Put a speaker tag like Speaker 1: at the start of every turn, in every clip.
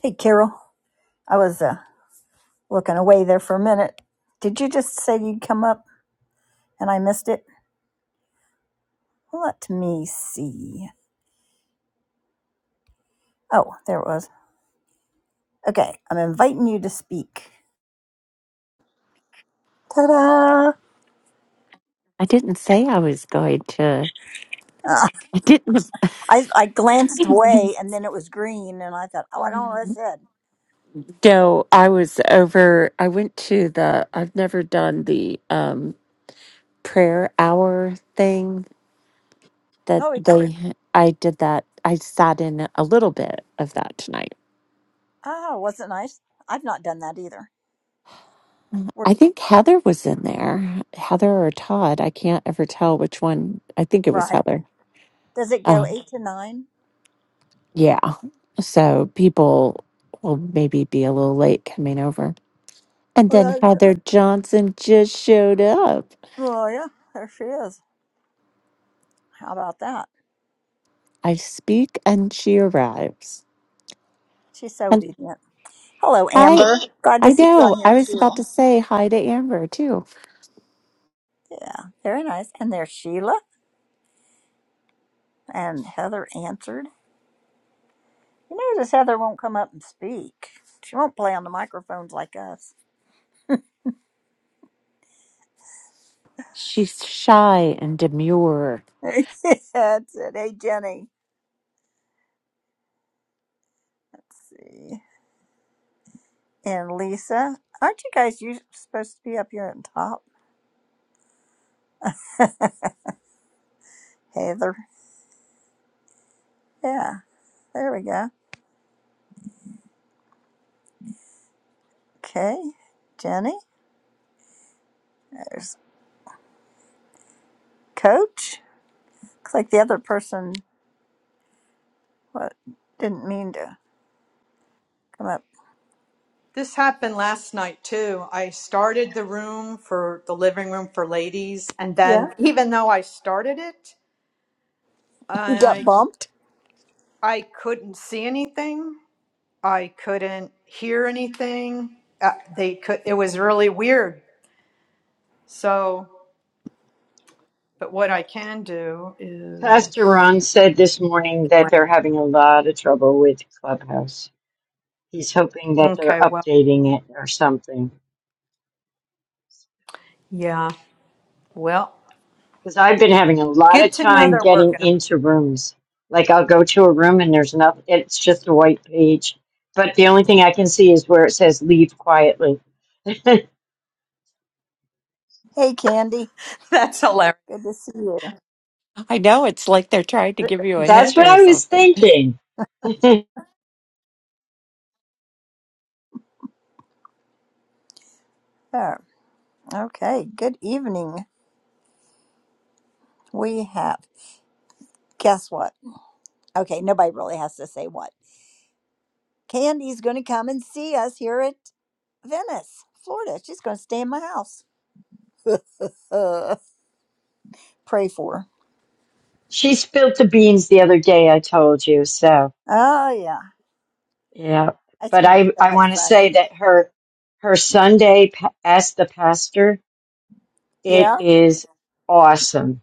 Speaker 1: Hey, Carol. I was uh, looking away there for a minute. Did you just say you'd come up and I missed it? Let me see. Oh, there it was. Okay, I'm inviting you to speak. Ta da!
Speaker 2: I didn't say I was going to.
Speaker 1: Uh,
Speaker 2: I didn't.
Speaker 1: I, I glanced away and then it was green and I thought, oh, I don't know what it said.
Speaker 2: No, I was over. I went to the. I've never done the um prayer hour thing that
Speaker 1: Oh, it-
Speaker 2: they. I did that. I sat in a little bit of that tonight.
Speaker 1: ah, wasn't nice. I've not done that either. We're-
Speaker 2: I think Heather was in there. Heather or Todd. I can't ever tell which one. I think it was
Speaker 1: Right.
Speaker 2: Heather.
Speaker 1: Does it go
Speaker 2: Oh,
Speaker 1: eight to nine?
Speaker 2: yeah. So people will maybe be a little late coming over. And then
Speaker 1: Well, that's it.
Speaker 2: Heather Johnson just showed up.
Speaker 1: Oh, yeah, there she is. How about that?
Speaker 2: I speak and she arrives.
Speaker 1: She's so
Speaker 2: And
Speaker 1: obedient. Hello,
Speaker 2: hi,
Speaker 1: Amber. Glad to
Speaker 2: I
Speaker 1: see you on
Speaker 2: know.
Speaker 1: here
Speaker 2: I was
Speaker 1: too.
Speaker 2: about to say hi to Amber too.
Speaker 1: Yeah, very nice. And there's Sheila. And Heather answered. You notice Heather won't come up and speak. She won't play on the microphones like us.
Speaker 2: She's shy and demure.
Speaker 1: Yeah, That's it. Hey, Jenny. Let's see. And Lisa. Aren't you guys you supposed to be up here on top? Heather. Yeah, there we go. Okay. Jenny. There's Coach. Looks like the other person what didn't mean to come up.
Speaker 3: This happened last night too. I started the room for the living room for ladies, and
Speaker 1: Yeah,
Speaker 3: then even though I started it,
Speaker 1: he got
Speaker 3: I
Speaker 1: bumped.
Speaker 3: I couldn't see anything. I couldn't hear anything. Uh, they could. It was really weird. So, but what I can do
Speaker 4: Pastor Ron
Speaker 3: is
Speaker 4: said this morning that
Speaker 3: anyway.
Speaker 4: they're having a lot of trouble with Clubhouse. He's hoping that they're
Speaker 3: Okay. Well,
Speaker 4: updating it or something.
Speaker 3: yeah. Well,
Speaker 4: Because I've been having a lot
Speaker 3: good
Speaker 4: of
Speaker 3: to know
Speaker 4: time
Speaker 3: they're
Speaker 4: getting
Speaker 3: working on. It.
Speaker 4: into rooms. Like I'll go to a room and there's nothing, it's just a white page. But the only thing I can see is where it says leave quietly.
Speaker 1: Hey, Candy.
Speaker 3: That's hilarious.
Speaker 1: Good to see you.
Speaker 2: I know. It's like they're trying to give you a
Speaker 4: That's
Speaker 2: hint
Speaker 4: what
Speaker 2: or
Speaker 4: I was
Speaker 2: something.
Speaker 4: thinking.
Speaker 1: Oh, Okay, good evening. We have, guess what? Okay, nobody really has to say what. Candy's going to come and see us here at Venice, Florida. She's going to stay in my house. Pray for her.
Speaker 4: she spilled the beans the other day, I told you. So.
Speaker 1: Oh, yeah.
Speaker 4: Yeah,
Speaker 1: It's
Speaker 4: but
Speaker 1: going to be
Speaker 4: I
Speaker 1: so
Speaker 4: I
Speaker 1: much
Speaker 4: want to
Speaker 1: fun.
Speaker 4: say that her her Sunday pa- as the pastor, it
Speaker 1: Yeah.
Speaker 4: is awesome.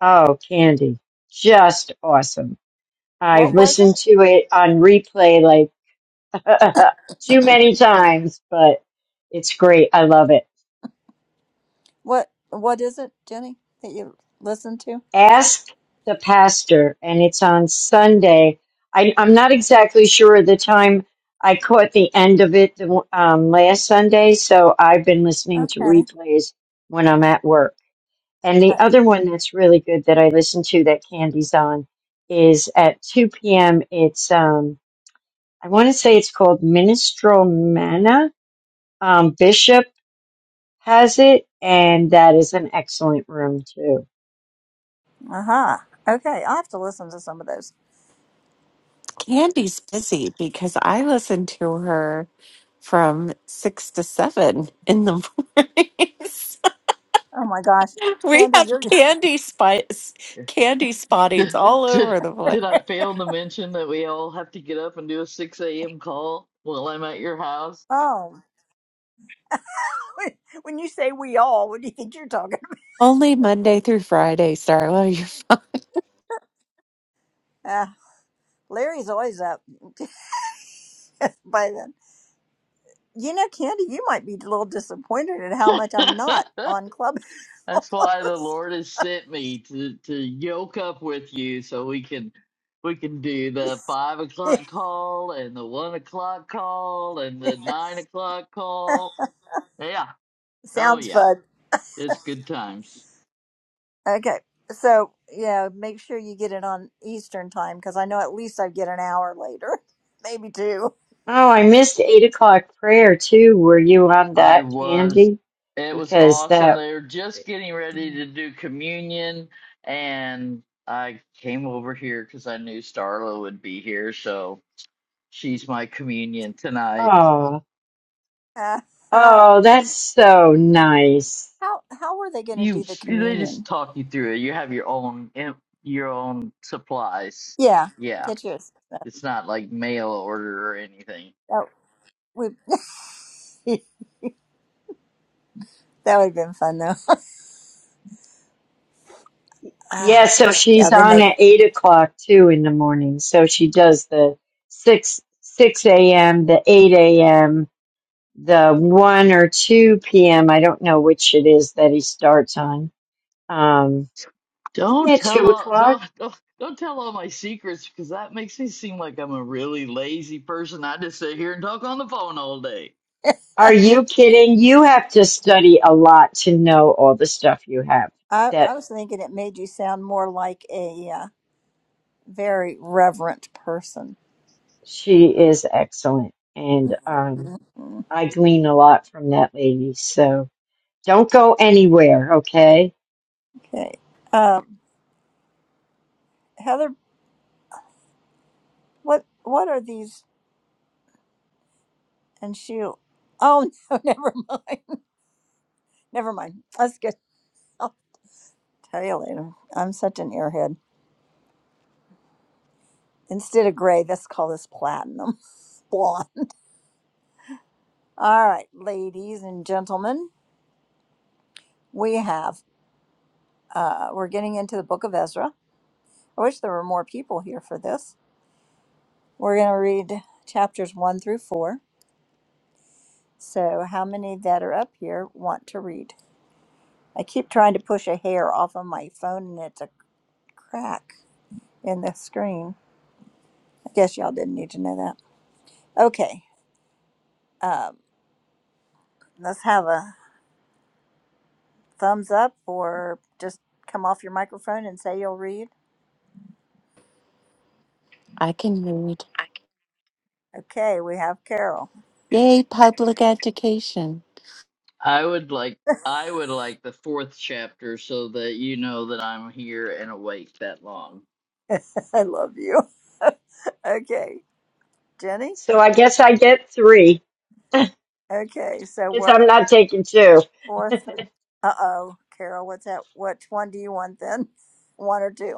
Speaker 4: Oh, Candy, just awesome. I've
Speaker 1: What was
Speaker 4: listened
Speaker 1: it?
Speaker 4: to it on replay like too many times, but it's great. I love it.
Speaker 1: What What is it, Jenny, that you listened to?
Speaker 4: ask the pastor and it's on sunday I, i'm not exactly sure of the time i caught the end of it the, um, last sunday so i've been listening to
Speaker 1: Okay.
Speaker 4: replays when i'm at work and the
Speaker 1: Uh
Speaker 4: other one that's really good that i listen to that candy's on is at 2 p.m it's um, i want to say it's called Ministro manna um, bishop has it and that is an excellent room too
Speaker 1: huh. Okay, I'll have to listen to some of those.
Speaker 2: Candy's busy because I listen to her from six to seven in the mornings.
Speaker 1: Oh, my gosh.
Speaker 2: we
Speaker 1: Candy,
Speaker 2: have
Speaker 1: you're.
Speaker 2: candy spice,
Speaker 5: Did,
Speaker 2: candy spottings all
Speaker 5: did,
Speaker 2: over the place.
Speaker 5: did I fail to mention that we all have to get up and do a 6 a.m. call while I'm at your house?
Speaker 1: Oh. When you say we all, what do you think you're talking
Speaker 2: Only Monday through Friday, Starla. You're fine.
Speaker 1: Uh, Larry's always up by then. You know, Candy, you might be a little disappointed at how much I'm not on Clubhouse.
Speaker 5: That's why the Lord has sent me to, to yoke up with you so we can we can do the five o'clock call and the one o'clock call and the nine o'clock call. Yeah. Oh
Speaker 1: Sounds
Speaker 5: yeah.
Speaker 1: fun.
Speaker 5: It's good times.
Speaker 1: Okay. So, yeah, make sure you get it on Eastern time because I know at least I get an hour later, maybe two.
Speaker 4: Oh, I missed eight o'clock prayer too. Were you on
Speaker 5: I
Speaker 4: that,
Speaker 5: was.
Speaker 4: Candy?
Speaker 5: It was
Speaker 4: Because
Speaker 5: awesome.
Speaker 4: that,
Speaker 5: They were just getting ready to do communion, and I came over here because I knew Starla would be here, so she's my communion tonight.
Speaker 4: oh,
Speaker 1: Uh, how
Speaker 4: oh, that's so nice.
Speaker 1: how were they going to
Speaker 5: You,
Speaker 1: do the
Speaker 5: they just
Speaker 1: communion?
Speaker 5: talk you through it. You have your own, in- your own supplies.
Speaker 1: Yeah,
Speaker 5: Yeah,
Speaker 1: get yours. That,
Speaker 5: it's not like mail order or anything.
Speaker 1: that, we, that would have been fun though.
Speaker 4: Yeah,
Speaker 1: Ah,
Speaker 4: so
Speaker 1: yeah,
Speaker 4: she's
Speaker 1: then
Speaker 4: on
Speaker 1: they
Speaker 4: at eight o'clock too in the morning. So she does the six, six a.m., the eight a.m., the one or two p.m. I don't know which it is that he starts on. Um, isn't
Speaker 5: Don't
Speaker 4: it two
Speaker 5: tell all
Speaker 4: o'clock?
Speaker 5: don't, don't don't tell all my secrets because that makes me seem like I'm a really lazy person. I just sit here and talk on the phone all day.
Speaker 1: go.
Speaker 4: Are you kidding? You have to study a lot to know all the stuff you have.
Speaker 1: I,
Speaker 4: That
Speaker 1: I was thinking it made you sound more like a uh, very reverent person.
Speaker 4: she is excellent, and um,
Speaker 1: Mhm.
Speaker 4: I glean a lot from that lady. So don't go anywhere, okay?
Speaker 1: Okay. Um, Heather, what what are these? And she, oh no, never mind, never mind. Let's get. I'll tell you later. I'm such an airhead. Instead of gray, let's call this platinum blonde. All right, ladies and gentlemen, we have. Uh, we're getting into the Book of Ezra. I wish there were more people here for this. We're going to read chapters one through four. So, how many that are up here want to read? I keep trying to push a hair off of my phone and it's a crack in the screen. I guess y'all didn't need to know that. Okay, um, let's have a thumbs up or just come off your microphone and say you'll read.
Speaker 2: I can read.
Speaker 1: Okay, we have Carol.
Speaker 2: Yay, public education.
Speaker 5: I would like I would like the fourth chapter so that you know that I'm here and awake that long.
Speaker 1: I love you. okay, Jenny.
Speaker 4: So I guess I get three
Speaker 1: Okay, so
Speaker 4: because
Speaker 1: what?
Speaker 4: I'm not taking two.
Speaker 1: Four, three. Uh oh, Carol, what's that? Which one do you want then? One or two?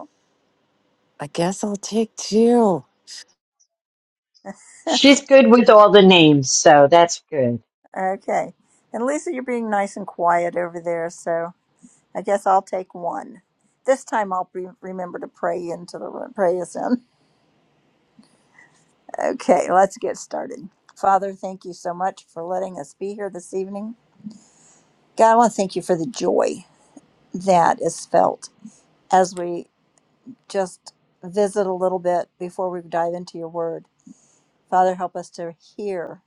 Speaker 2: I guess I'll take two.
Speaker 4: She's good with all the names, so that's good.
Speaker 1: Okay. And Lisa, you're being nice and quiet over there, so I guess I'll take one. This time I'll re- remember to pray into the room, pray us in. Okay, let's get started. Father, thank you so much for letting us be here this evening. God, I want to thank you for the joy that is felt as we just visit a little bit before we dive into your word. Father, help us to hear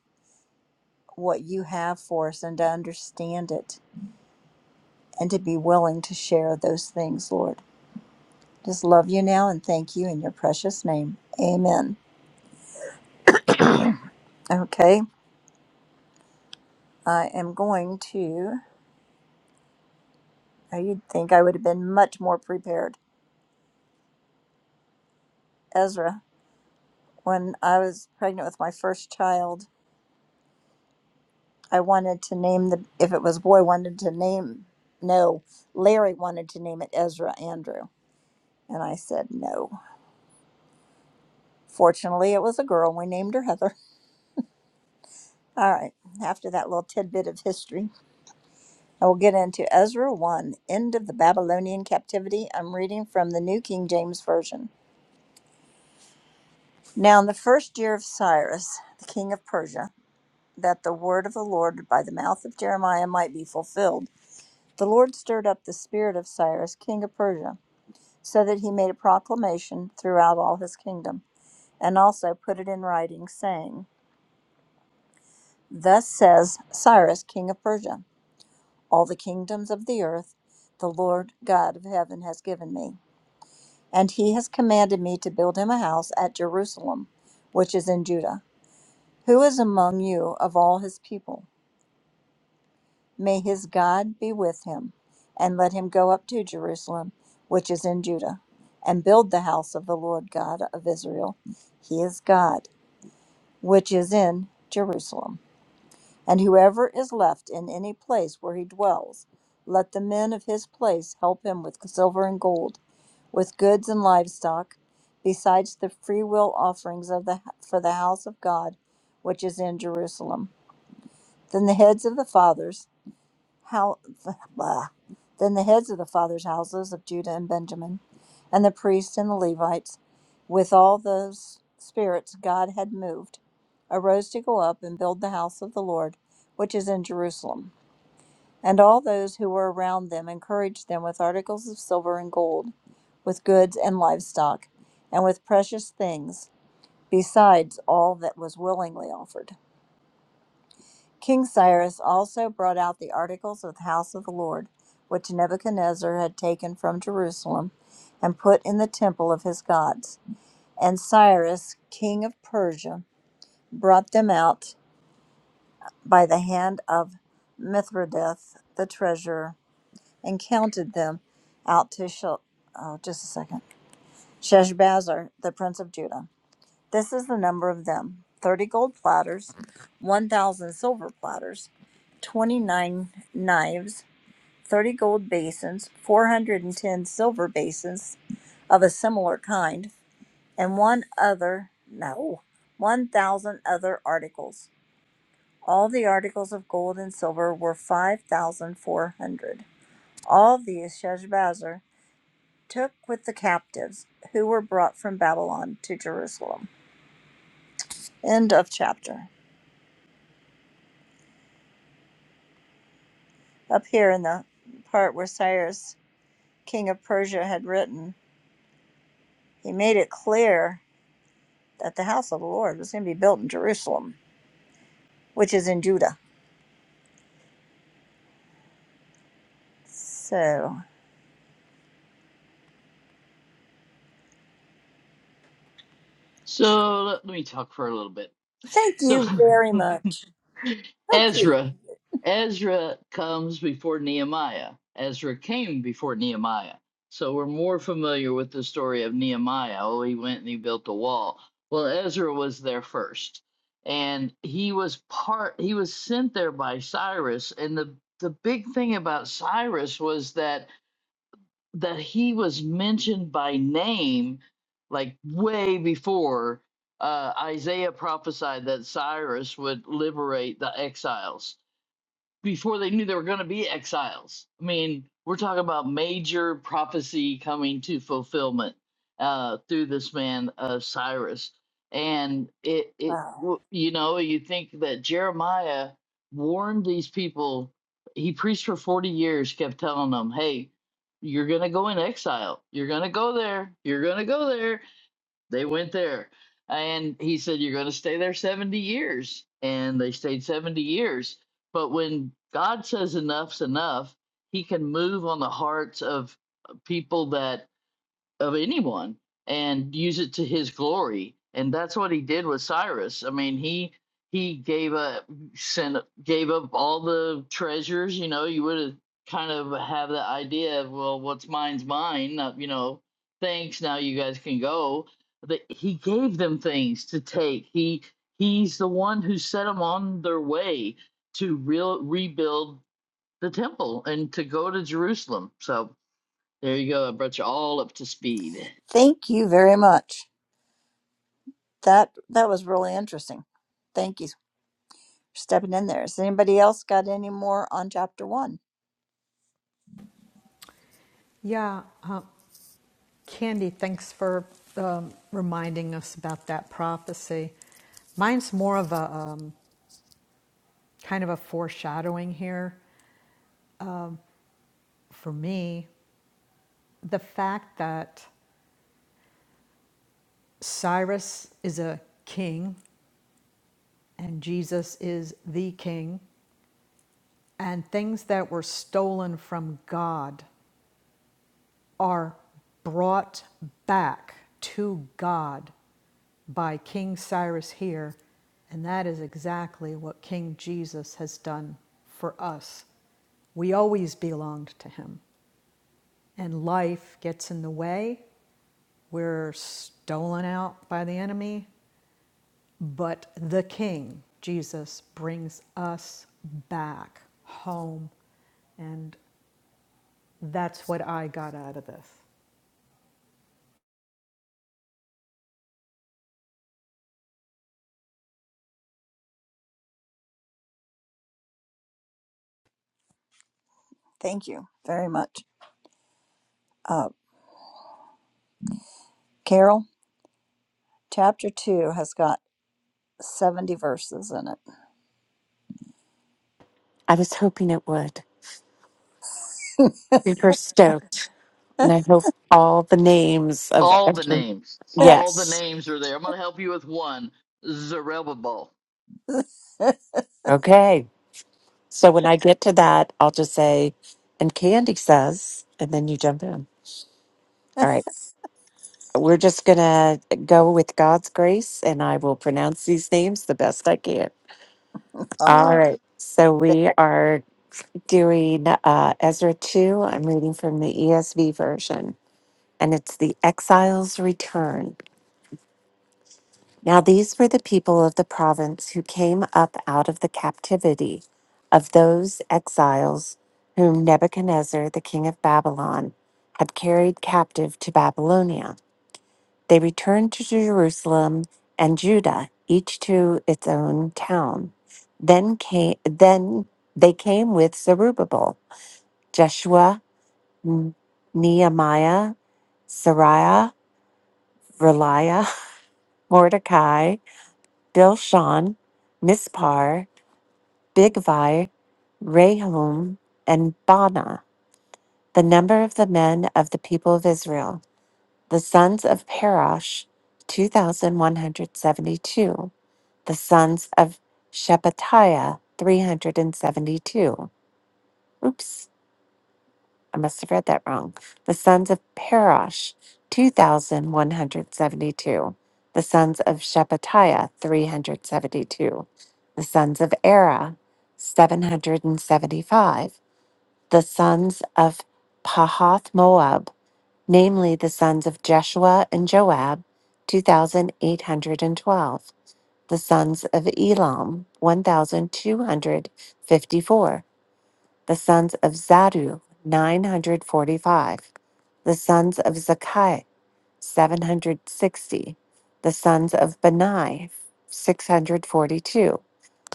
Speaker 1: what you have for us and to understand it and to be willing to share those things, Lord. Just love you now and thank you in your precious name. Amen. Okay, I am going to. I- You'd think I would have been much more prepared. Ezra, when I was pregnant with my first child, I wanted to name the, if it was a boy, wanted to name, no, Larry wanted to name it Ezra Andrew. And I said no. Fortunately, it was a girl. We named her Heather. All right, after that little tidbit of history. I will get into Ezra 1, End of the Babylonian Captivity. I'm reading from the New King James Version. Now, in the first year of Cyrus, the king of Persia, that the word of the Lord by the mouth of Jeremiah might be fulfilled, the Lord stirred up the spirit of Cyrus, king of Persia, so that he made a proclamation throughout all his kingdom, and also put it in writing, saying, Thus says Cyrus, king of Persia, all the kingdoms of the earth, the Lord God of heaven has given me. And he has commanded me to build him a house at Jerusalem, which is in Judah. Who is among you of all his people? May his God be with him, and let him go up to Jerusalem, which is in Judah, and build the house of the Lord God of Israel. He is God, which is in Jerusalem. And whoever is left in any place where he dwells, let the men of his place help him with silver and gold with goods and livestock, besides the freewill offerings of the for the house of God, which is in Jerusalem. Then the heads of the fathers, how, blah, then the heads of the fathers' houses of Judah and Benjamin, and the priests and the Levites, with all those spirits God had moved, arose to go up and build the house of the Lord, which is in Jerusalem. And all those who were around them encouraged them with articles of silver and gold, with goods and livestock, and with precious things, besides all that was willingly offered. King Cyrus also brought out the articles of the house of the Lord, which Nebuchadnezzar had taken from Jerusalem, and put in the temple of his gods. And Cyrus, king of Persia, brought them out by the hand of Mithridates the treasurer and counted them out to Shel- oh, just a second. Sheshbazzar, the prince of Judah. This is the number of them: thirty gold platters, one thousand silver platters, twenty-nine knives, thirty gold basins, four hundred and ten silver basins of a similar kind, and one other no, one thousand other articles. All the articles of gold and silver were five thousand four hundred. All these Sheshbazzar took with the captives who were brought from Babylon to Jerusalem. End of chapter. Up here in the part where Cyrus, king of Persia, had written, he made it clear that the house of the Lord was going to be built in Jerusalem, which is in Judah. So
Speaker 5: So let, let me talk for a little bit.
Speaker 1: thank
Speaker 5: So
Speaker 1: you very much.
Speaker 5: Ezra. Ezra comes before Nehemiah. Ezra came before Nehemiah. So we're more familiar with the story of Nehemiah. Oh, he went and he built the wall. Well, Ezra was there first. And he was part he was sent there by Cyrus. And the, the big thing about Cyrus was that that he was mentioned by name like way before uh, Isaiah prophesied that Cyrus would liberate the exiles before they knew they were going to be exiles. I mean, we're talking about major prophecy coming to fulfillment uh, through this man uh, Cyrus, and it it
Speaker 1: Wow.
Speaker 5: w- you know you think that Jeremiah warned these people. He preached for forty years, kept telling them, "Hey, you're going to go in exile. You're going to go there. You're going to go there." They went there. And he said, You're going to stay there 70 years. And they stayed 70 years. But when God says enough's enough, he can move on the hearts of uh, people that of anyone and use it to his glory and that's what he did with cyrus i mean he he gave up sent gave up all the treasures you know you would have kind of have the idea of well what's mine's mine uh, you know thanks now you guys can go but he gave them things to take he he's the one who set them on their way to real rebuild the temple and to go to jerusalem so there you go i brought you all up to speed
Speaker 1: Thank you very much. That that was really interesting. Thank you for stepping in there. Has anybody else got any more on chapter one?
Speaker 3: Yeah. Candy, thanks for um, reminding us about that prophecy. Mine's more of a um, kind of a foreshadowing here for me. The fact that Cyrus is a king and Jesus is the king, and things that were stolen from God are brought back to God by King Cyrus here, and that is exactly what King Jesus has done for us. We always belonged to him, and life gets in the way. We're stolen out by the enemy, but the King, Jesus, brings us back home, and that's what I got out of this.
Speaker 1: Thank you very much. Uh, Carol, chapter 2 has got 70 verses in
Speaker 2: I was hoping it would. Super stoked. And I hope all the names of
Speaker 5: All the
Speaker 2: every.
Speaker 5: names.
Speaker 1: it.
Speaker 5: All the
Speaker 2: Yes.
Speaker 5: names are there. I'm going to help you with one. Zerubbabel.
Speaker 2: Okay. So when I get to that, I'll just say, and Candy says, and then you jump in. All right. So We're just going to go with God's grace, and I will pronounce these names the best I can.
Speaker 1: All
Speaker 2: All
Speaker 1: right.
Speaker 2: right. So we are During uh, Ezra 2. I'm reading from the ESV version, and it's the exile's return. Now, these were the people of the province who came up out of the captivity of those exiles whom Nebuchadnezzar, the king of Babylon, had carried captive to Babylonia. They returned to Jerusalem and Judah, each to its own town. Then came, then they came with Zerubbabel, Jeshua, N- Nehemiah, Sariah, Reliah, Mordecai, Bilshan, Mispar, Bigvi, Rahum, and Bana, the number of the men of the people of Israel, the sons of Parash, 2,172, the sons of Shephatiah, 372. Oops. I must have read that wrong. The sons of Parash, 2,172. The sons of Shephatiah, 372. The sons of Era, 775. The sons of Pahath Moab, namely the sons of Jeshua and Joab, 2,812. The sons of Elam, 1,254 the sons of Zadu, 945. The sons of Zakai, 760. The sons of Benai, 642.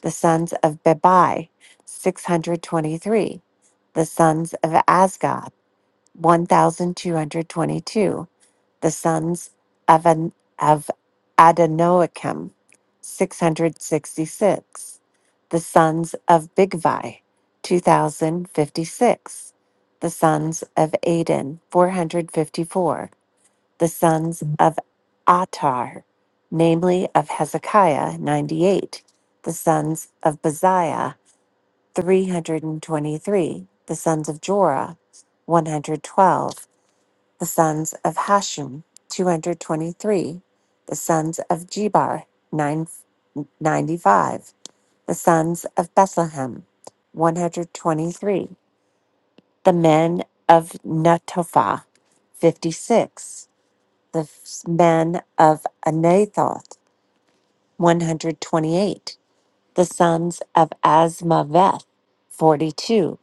Speaker 2: The sons of Bebai, 623. The sons of Asgab, 1222 the sons of, An- of Adoniocham, 666. The sons of Bigvi, 2056. The sons of Aden, 454. The sons of Atar, namely of Hezekiah, 98. The sons of Baziah, 323. The sons of Jorah, 112 the sons of Hashum, 223, the sons of Jebar, 9 95; the sons of Bethlehem, 123, the men of Netophah, 56, the f- men of Anathoth, 128, the sons of Asmaveth, 42,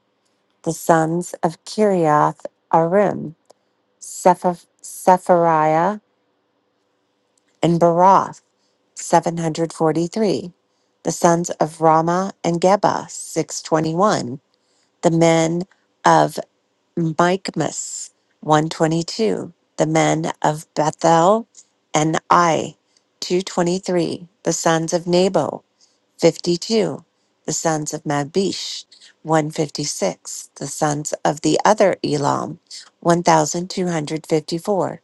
Speaker 2: the sons of Kiriath Arim, Sepha- Sephariah, and Baroth, 743. The sons of Rama and Geba, 621. The men of Michmas, 122. The men of Bethel and Ai, 223. The sons of Nabo, 52. The sons of Mabish, 156. The sons of the other Elam, 1254.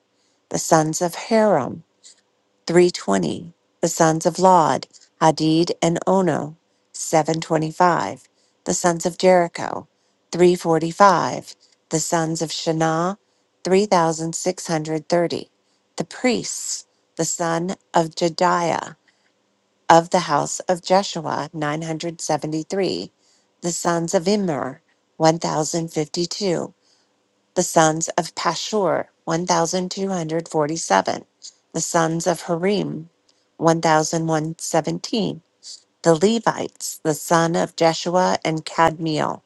Speaker 2: The sons of Haram, 320 the sons of lod hadid and ono 725 the sons of jericho 345 the sons of shana 3630 the priests the son of jediah of the house of jeshua 973 the sons of immer 1052 the sons of Pashur, 1,247. The sons of Harim, one thousand one seventeen. The Levites, the son of Jeshua and Cadmiel.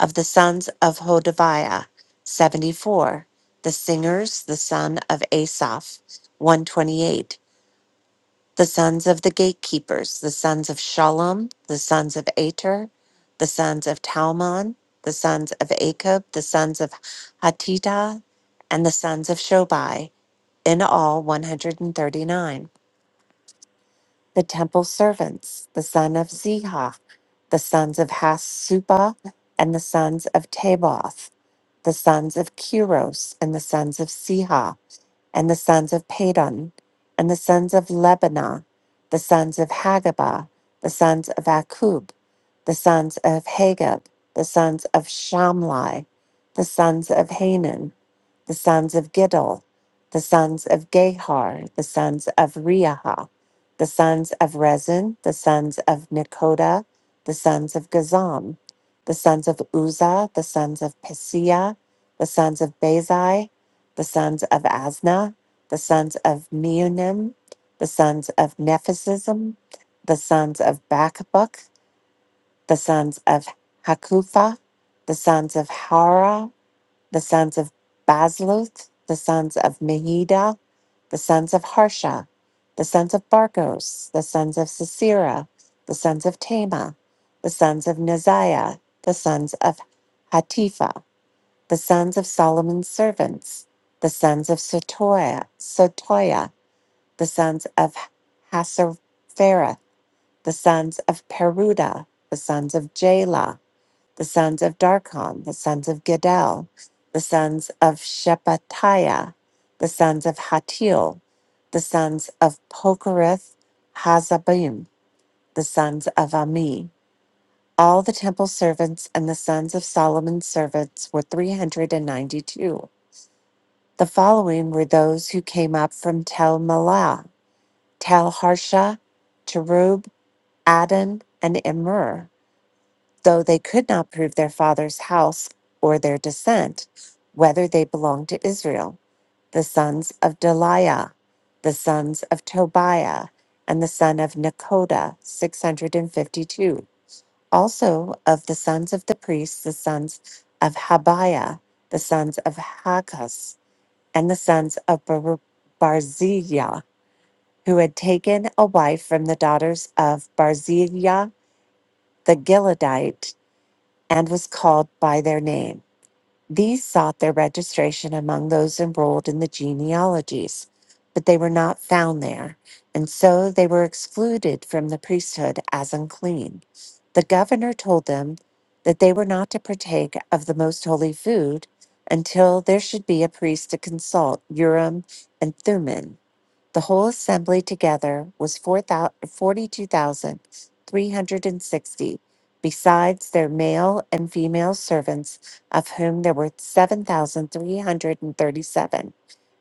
Speaker 2: Of the sons of Hodaviah, 74. The singers, the son of Asaph, 128 the sons of the gatekeepers, the sons of Shalom, the sons of Ater, the sons of Talmon, the sons of Akab, the sons of Hatita, and the sons of Shobai, in all 139. The temple servants, the son of Zihah, the sons of Hasuba, and the sons of Taboth, the sons of Kiros, and the sons of Sihah, and the sons of Padon, and the sons of Lebanah, the sons of Hagabah, the sons of Akub, the sons of Hagab, the sons of Shamlai, the sons of Hanan, the sons of Giddel, the sons of Gahar, the sons of Reaha, the sons of Rezin, the sons of Nekoda, the sons of Gazam, the sons of Uzzah, the sons of Pesia, the sons of Bazai, the sons of Asna, the sons of Meunim, the sons of Nephisism, the sons of Bakbuk, the sons of Hakufa, the sons of Hara, the sons of Basluth, the sons of Mehida, the sons of Harsha, the sons of Barkos, the sons of Sisera, the sons of Tema, the sons of Naziah, the sons of Hatifa, the sons of Solomon's servants, the sons of Sotoya, Sotoya, the sons of Hasarphera, the sons of Peruda, the sons of Jala, the sons of Darkon, the sons of Gedal, the sons of Shephatiah, the sons of Hatil, the sons of Pokereth Hazabim, the sons of Ami. All the temple servants and the sons of Solomon's servants were 392. The following were those who came up from Tel Melah, Tel Harsha, Cherub, Adon, and Immer. though they could not prove their father's house or their descent, whether they belonged to Israel, the sons of Deliah, the sons of Tobiah, and the son of Nekoda, 652. Also of the sons of the priests, the sons of Habiah, the sons of Hakkus, and the sons of Bar- Barzillai, who had taken a wife from the daughters of Barzillai the Gileadite, and was called by their name. These sought their registration among those enrolled in the genealogies, but they were not found there, and so they were excluded from the priesthood as unclean. The governor told them that they were not to partake of the most holy food until there should be a priest to consult Urim and Thummim. The whole assembly together was 4 42,360, besides their male and female servants, of whom there were 7,337.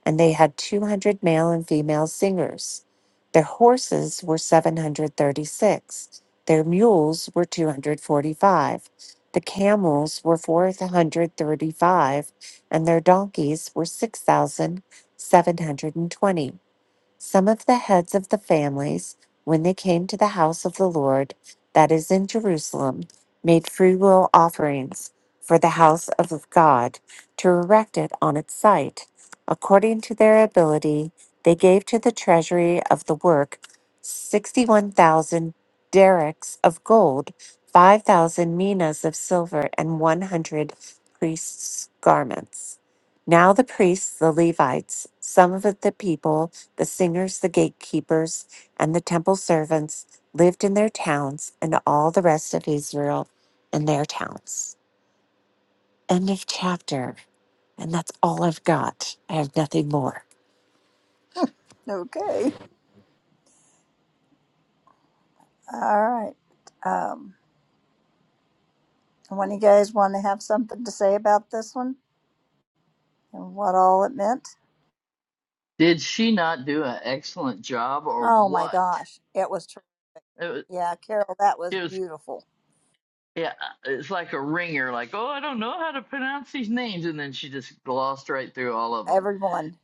Speaker 2: And they had 200 male and female singers. Their horses were 736. Their mules were 245. The camels were 435, and their donkeys were 6,720. Some of the heads of the families, when they came to the house of the Lord that is in Jerusalem, made free will offerings for the house of God to erect it on its site. According to their ability, they gave to the treasury of the work 61,000 derricks of gold, 5,000 minas of silver, and 100 priests' garments. Now the priests, the Levites, some of the people, the singers, the gatekeepers, and the temple servants lived in their towns, and all the rest of Israel in their towns. End of chapter. And that's all I've got. I have nothing more.
Speaker 1: Okay. All right. Um, when you guys want to have something to say about this one and what all it meant?
Speaker 5: Did she not do an excellent job or
Speaker 1: Oh my
Speaker 5: what?
Speaker 1: gosh. It was, tr-
Speaker 5: It was,
Speaker 1: yeah, Carol, that was
Speaker 5: it was
Speaker 1: beautiful.
Speaker 5: yeah, it's like a ringer, like, oh, I don't know how to pronounce these names. And then she just glossed right through all of them.
Speaker 1: Everyone.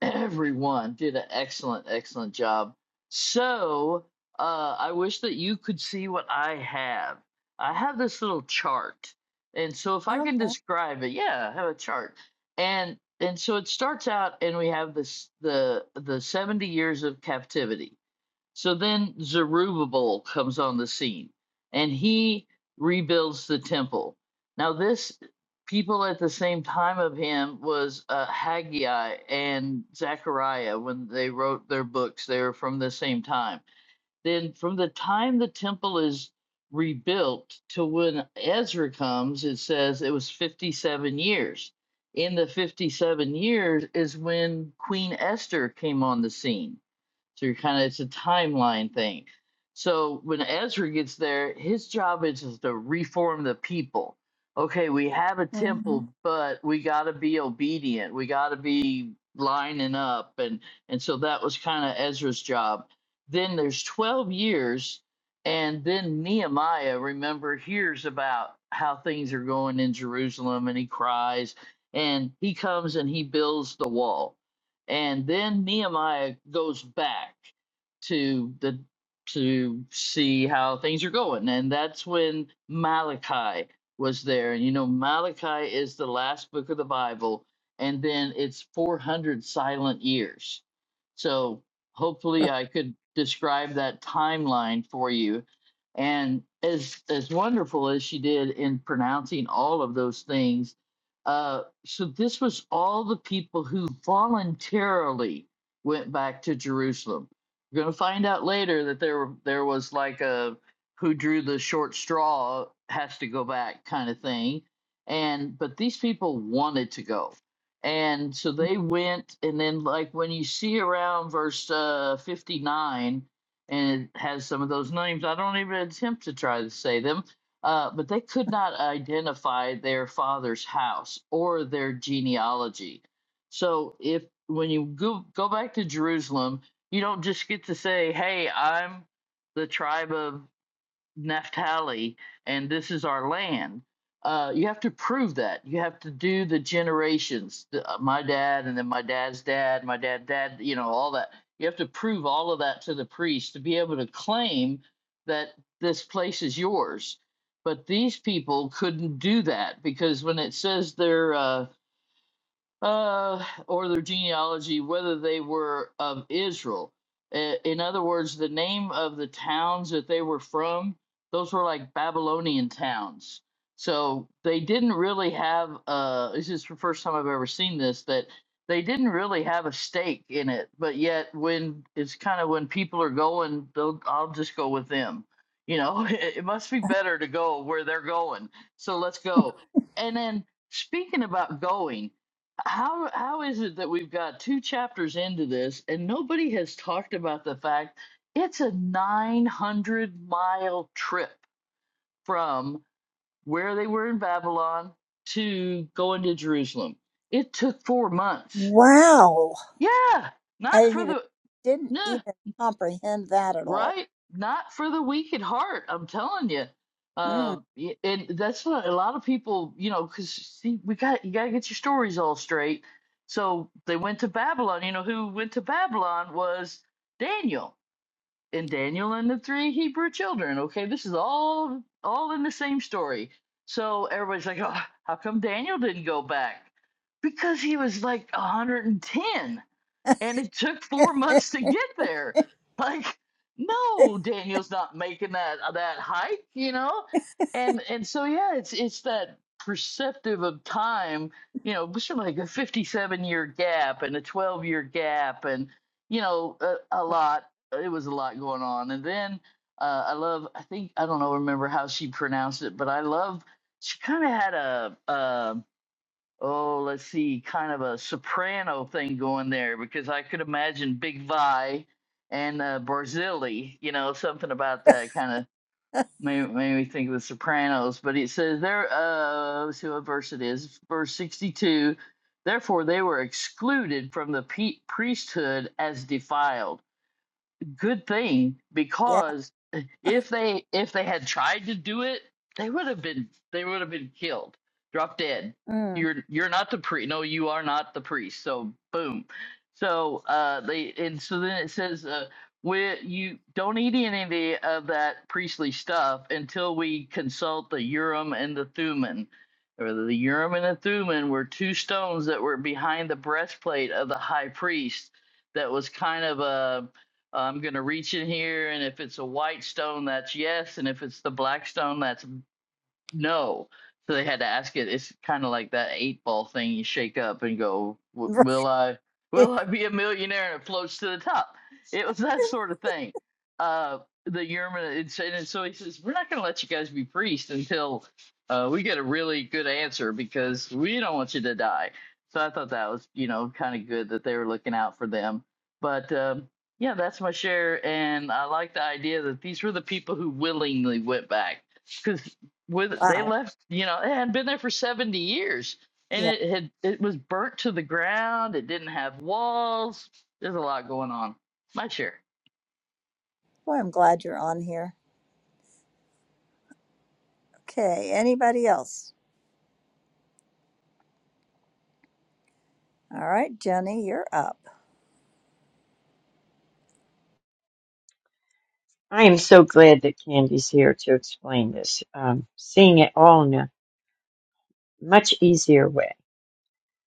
Speaker 5: Everyone did an excellent, excellent job. So, uh, I wish that you could see what I have. I have this little chart. And so, if I can
Speaker 1: Okay.
Speaker 5: describe it, yeah, I have a chart. And and so it starts out, and we have this the the 70 years of captivity. So then Zerubbabel comes on the scene and he rebuilds the temple. Now, this people at the same time of him was uh, Haggai and Zechariah when they wrote their books. They were from the same time. Then, from the time the temple is rebuilt to when Ezra comes, it says it was 57 years. In the 57 years is when Queen Esther came on the scene so you're kind of it's a timeline thing. So when Ezra gets there, his job is, is to reform the people. Okay, we have a
Speaker 1: Mhm.
Speaker 5: temple, but we got to be obedient. We got to be lining up, and and so that was kind of Ezra's job. Then there's 12 years, and then Nehemiah, remember, hears about how things are going in Jerusalem, and he cries, and he comes and he builds the wall and then Nehemiah goes back to the to see how things are going, and that's when Malachi was there. And you know, Malachi is the last book of the Bible, and then it's 400 silent years. So hopefully, I could describe that timeline for you. And as as wonderful as she did in pronouncing all of those things uh, so this was all the people who voluntarily went back to Jerusalem. We're going to find out later that there were- there was like a who drew the short straw has to go back kind of thing. And but these people wanted to go. And so they went and then like when you see around verse uh, 59 and it has some of those names I don't even attempt to try to say them uh, but they could not identify their father's house or their genealogy. So if when you go, go back to Jerusalem, you don't just get to say, "Hey, I'm the tribe of Naphtali, and this is our land. Uh, you have to prove that. You have to do the generations, the, uh, my dad, and then my dad's dad, my dad, dad, you know, all that. You have to prove all of that to the priest to be able to claim that this place is yours. But these people couldn't do that because when it says they're uh, uh, or their genealogy, whether they were of Israel. I- In other words, the name of the towns that they were from, those were like Babylonian towns. So they didn't really have, uh, this is the first time I've ever seen this, that they didn't really have a stake in it. But yet, when it's kind of when people are going, they'll, I'll just go with them. You know, it must be better to go where they're going. So let's go. And then speaking about going, how how is it that we've got two chapters into this and nobody has talked about the fact it's a 900 mile trip from where they were in Babylon to going to Jerusalem. It took 4 months.
Speaker 1: Wow.
Speaker 5: Yeah,
Speaker 1: I
Speaker 5: not
Speaker 1: didn't
Speaker 5: for
Speaker 1: even,
Speaker 5: the
Speaker 1: didn't
Speaker 5: no.
Speaker 1: even comprehend that at all.
Speaker 5: Right? Not for the weak at heart, I'm telling you.
Speaker 1: Mm.
Speaker 5: Um, y- and that's what a lot of people, you know, because see, we got you got to get your stories all straight. So they went to Babylon. You know who went to Babylon was Daniel and Daniel and the three Hebrew children. Okay, this is all all in the same story. So everybody's like, oh, how come Daniel didn't go back? Because he was like 110 and it took four months to get there. Like, no, Daniel's not making that uh, that hike, you know? And and so yeah, it's it's that perceptive of time, you know, which is like a 57 year gap and a 12 year gap and you know, a, a lot it was a lot going on. And then uh, I love I think I don't know remember how she pronounced it, but I love she kind of had a um oh, let's see, kind of a soprano thing going there because I could imagine Big Vi and uh, Barzilli, you know, something about that kind of made, made me think of the Sopranos. But it says there, uh, let's see what verse it is, verse 62. Therefore, they were excluded from the pe- priesthood as defiled good thing
Speaker 1: yeah.
Speaker 5: because if they if they had tried to do it, they would have been they would have been killed, drop dead.
Speaker 1: Mm.
Speaker 5: You're you're not the priest. No, you are not the priest. So boom. So uh, they and so then it says uh, we you don't eat any of that priestly stuff until we consult the Urim and the Thummim. Or the Urim and the Thummim were two stones that were behind the breastplate of the high priest. That was kind of a I'm going to reach in here, and if it's a white stone, that's yes. And if it's the black stone, that's no. So they had to ask it. It's kind of like that eight ball thing you shake up and go, "W- "Will I? Will
Speaker 1: Right.
Speaker 5: I be a millionaire?" And it floats to the top. It was that sort of thing. Uh, the Yerman, and so and so he says, "We're not going to let you guys be priests until uh, we get a really good answer because we don't want you to die." So I thought that was, you know, kind of good that they were looking out for them. But um, yeah, that's my share, and I like the idea that these were the people who willingly went back. because with they
Speaker 1: Wow.
Speaker 5: left you know it had been there for 70 years and
Speaker 1: Yeah.
Speaker 5: it had it was burnt to the ground it didn't have walls there's a lot going on my share
Speaker 1: Well, I'm glad you're on here. Okay. Anybody else? All right, Jenny, you're up.
Speaker 4: I am so glad that Candy's here to explain this. Um, seeing it all in a much easier way.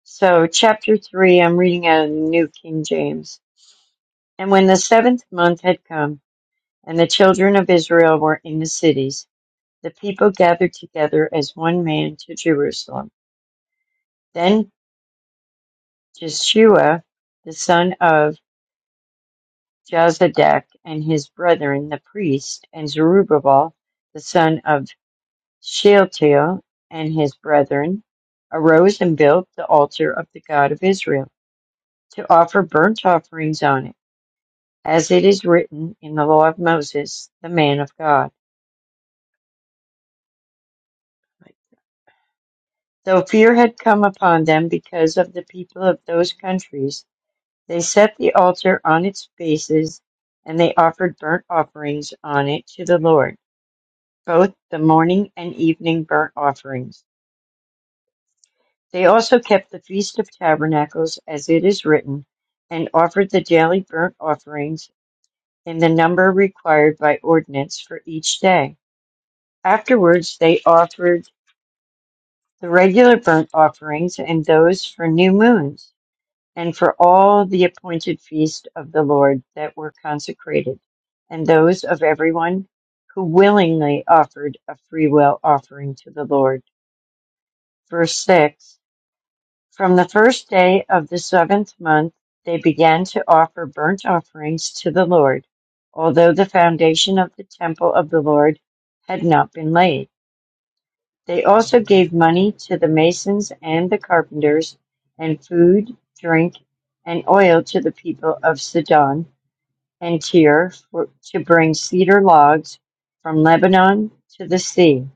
Speaker 4: So, chapter three, I'm reading out of the New King James. And when the seventh month had come, and the children of Israel were in the cities, the people gathered together as one man to Jerusalem. Then Jeshua, the son of Jozadak, and his brethren, the priests, and Zerubbabel, the son of Shealtiel, and his brethren, arose and built the altar of the God of Israel, to offer burnt offerings on it, as it is written in the law of Moses, the man of God. Though fear had come upon them because of the people of those countries, they set the altar on its bases, and they offered burnt offerings on it to the Lord, both the morning and evening burnt offerings. They also kept the Feast of Tabernacles, as it is written, and offered the daily burnt offerings in the number required by ordinance for each day. Afterwards, they offered the regular burnt offerings and those for new moons. and for all the appointed feast of the Lord that were consecrated, and those of everyone who willingly offered a free will offering to the Lord. Verse 6 From the first day of the seventh month, they began to offer burnt offerings to the Lord, although the foundation of the temple of the Lord had not been laid. They also gave money to the masons and the carpenters, and food, drink, and oil to the people of Sidon and Tyre for, to bring cedar logs from Lebanon to the sea,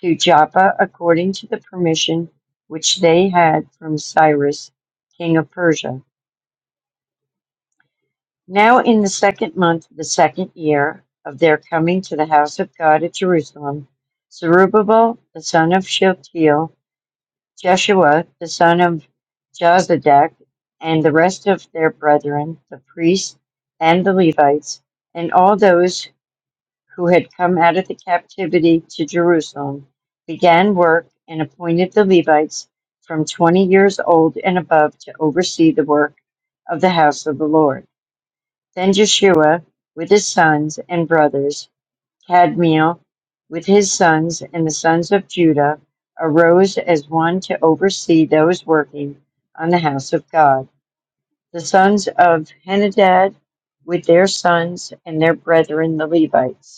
Speaker 4: to Joppa according to the permission which they had from Cyrus, king of Persia. Now in the second month, of the second year of their coming to the house of God at Jerusalem, Zerubbabel the son of Shealtiel Jeshua the son of Jozadak, and the rest of their brethren, the priests and the Levites, and all those who had come out of the captivity to Jerusalem, began work and appointed the Levites from twenty years old and above to oversee the work of the house of the Lord. Then Jeshua, with his sons and brothers, Kadmiel, with his sons and the sons of Judah, arose as one to oversee those working on the house of God. The sons of Henadad, with their sons and their brethren the Levites.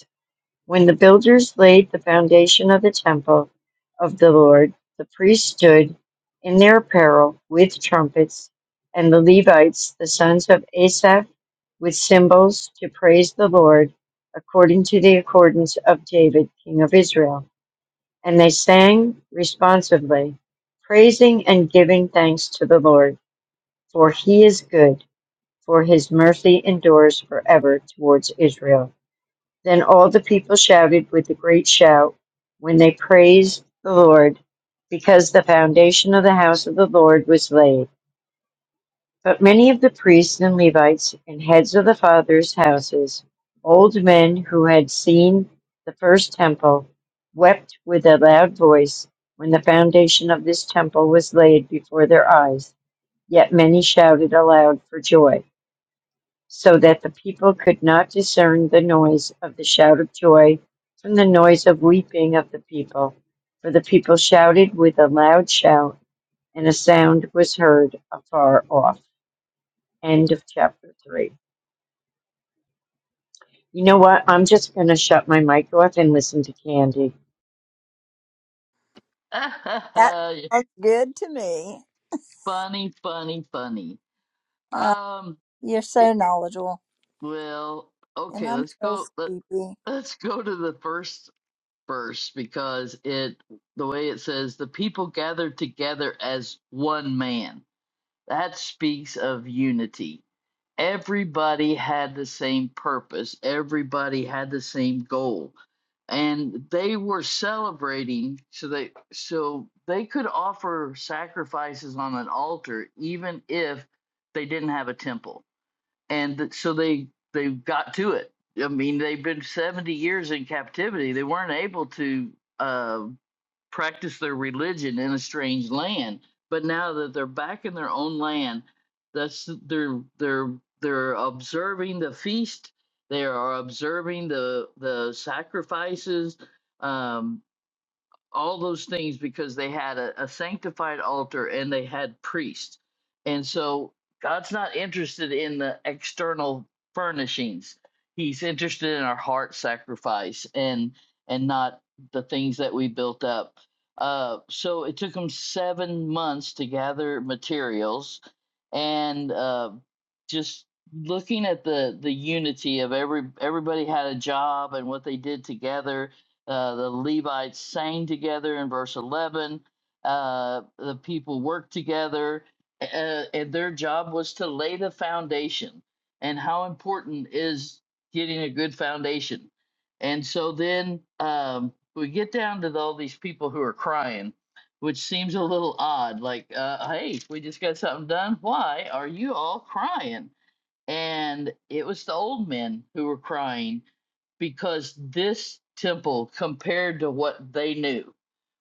Speaker 4: When the builders laid the foundation of the temple of the Lord, the priests stood in their apparel with trumpets, and the Levites, the sons of Asaph, with cymbals to praise the Lord according to the accordance of David, king of Israel. And they sang responsively, praising and giving thanks to the Lord, for he is good, for his mercy endures forever towards Israel. Then all the people shouted with a great shout when they praised the Lord, because the foundation of the house of the Lord was laid. But many of the priests and Levites and heads of the fathers' houses, old men who had seen the first temple, wept with a loud voice when the foundation of this temple was laid before their eyes. Yet many shouted aloud for joy so that the people could not discern the noise of the shout of joy from the noise of weeping of the people. For the people shouted with a loud shout, and a sound was heard afar off. End of chapter 3. You know what? I'm just going to shut my mic off and listen to Candy.
Speaker 1: That sounds good to me.
Speaker 5: funny funny funny
Speaker 1: Uh,
Speaker 5: um
Speaker 1: you're
Speaker 5: it,
Speaker 1: so knowledgeable,
Speaker 5: well
Speaker 1: and
Speaker 5: okay
Speaker 1: I'm
Speaker 5: let's
Speaker 1: so
Speaker 5: go let,
Speaker 1: sleepy.
Speaker 5: let's go to the first verse because it the way it says the people gathered together as one man that speaks of unity everybody had the same purpose, everybody had the same goal. And they were celebrating so they so they could offer sacrifices on an altar even if they didn't have a temple. And th- so they they got to it. I mean, they've been 70 years in captivity. They weren't able to uh, practice their religion in a strange land. But now that they're back in their own land, that's they're they're they're observing the feast. They are observing the the sacrifices. Um, all those things because they had a, a sanctified altar and they had priests. And so God's not interested in the external furnishings. He's interested in our heart sacrifice and and not the things that we built up. Uh, so it took them seven months to gather materials and uh, just looking at the the unity of every everybody had a job and what they did together uh, the Levites sang together in verse 11. Uh, the people worked together, uh, and their job was to lay the foundation. And how important is getting a good foundation? And so then um, we get down to all these people who are crying, which seems a little odd. Like, uh, hey, we just got something done. Why are you all crying? And it was the old men who were crying because this temple compared to what they knew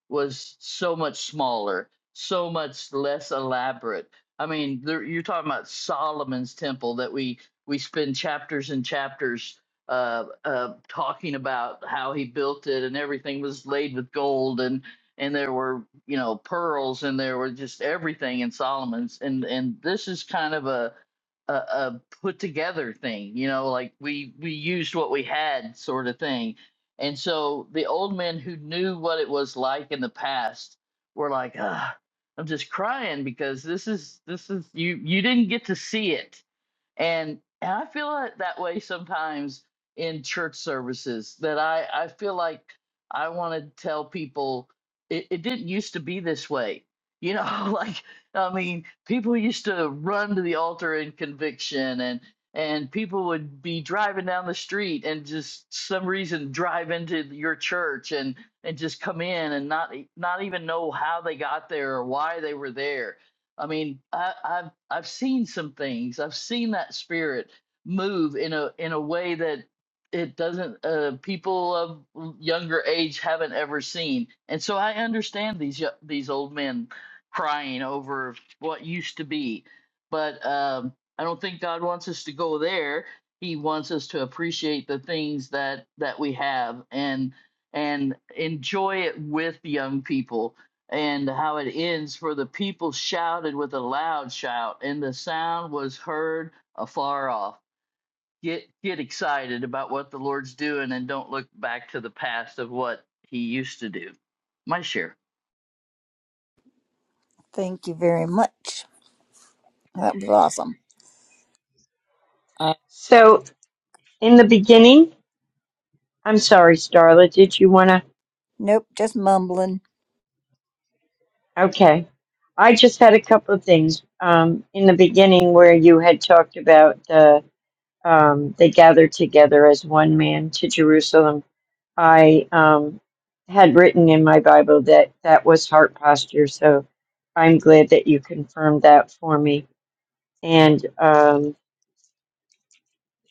Speaker 5: was so much smaller, so much less elaborate. I mean, there, you're talking about Solomon's temple that we we spend chapters and chapters uh, uh, talking about how he built it and everything was laid with gold and and there were you know pearls and there were just everything in Solomon's and and this is kind of a a, a put together thing, you know, like we we used what we had sort of thing and so the old men who knew what it was like in the past were like, ah, I'm just crying because this is this is you you didn't get to see it and and I feel it that way sometimes in church services that I I feel like I want to tell people it, it didn't used to be this way. You know, like I mean, people used to run to the altar in conviction and and people would be driving down the street and just some reason drive into your church and and just come in and not e- not even know how they got there or why they were there I mean, I, I've I've seen some things. I've seen that spirit move in a in a way that it doesn't. Uh, people of younger age haven't ever seen, and so I understand these yo- these old men crying over what used to be. But um, I don't think God wants us to go there. He wants us to appreciate the things that that we have and and enjoy it with young people and how it ends for the people shouted with a loud shout and the sound was heard afar off get get excited about what the lord's doing and don't look back to the past of what he used to do my share
Speaker 1: Thank you very much. That was awesome.
Speaker 4: So, in the beginning, I'm sorry, Starla, did you want to?
Speaker 1: Nope, just mumbling.
Speaker 4: Okay. I just had a couple of things. Um, in the beginning, where you had talked about the um, they gathered together as one man to Jerusalem. I um, had written in my Bible that that was heart posture, so I'm glad that you confirmed that for me. And um,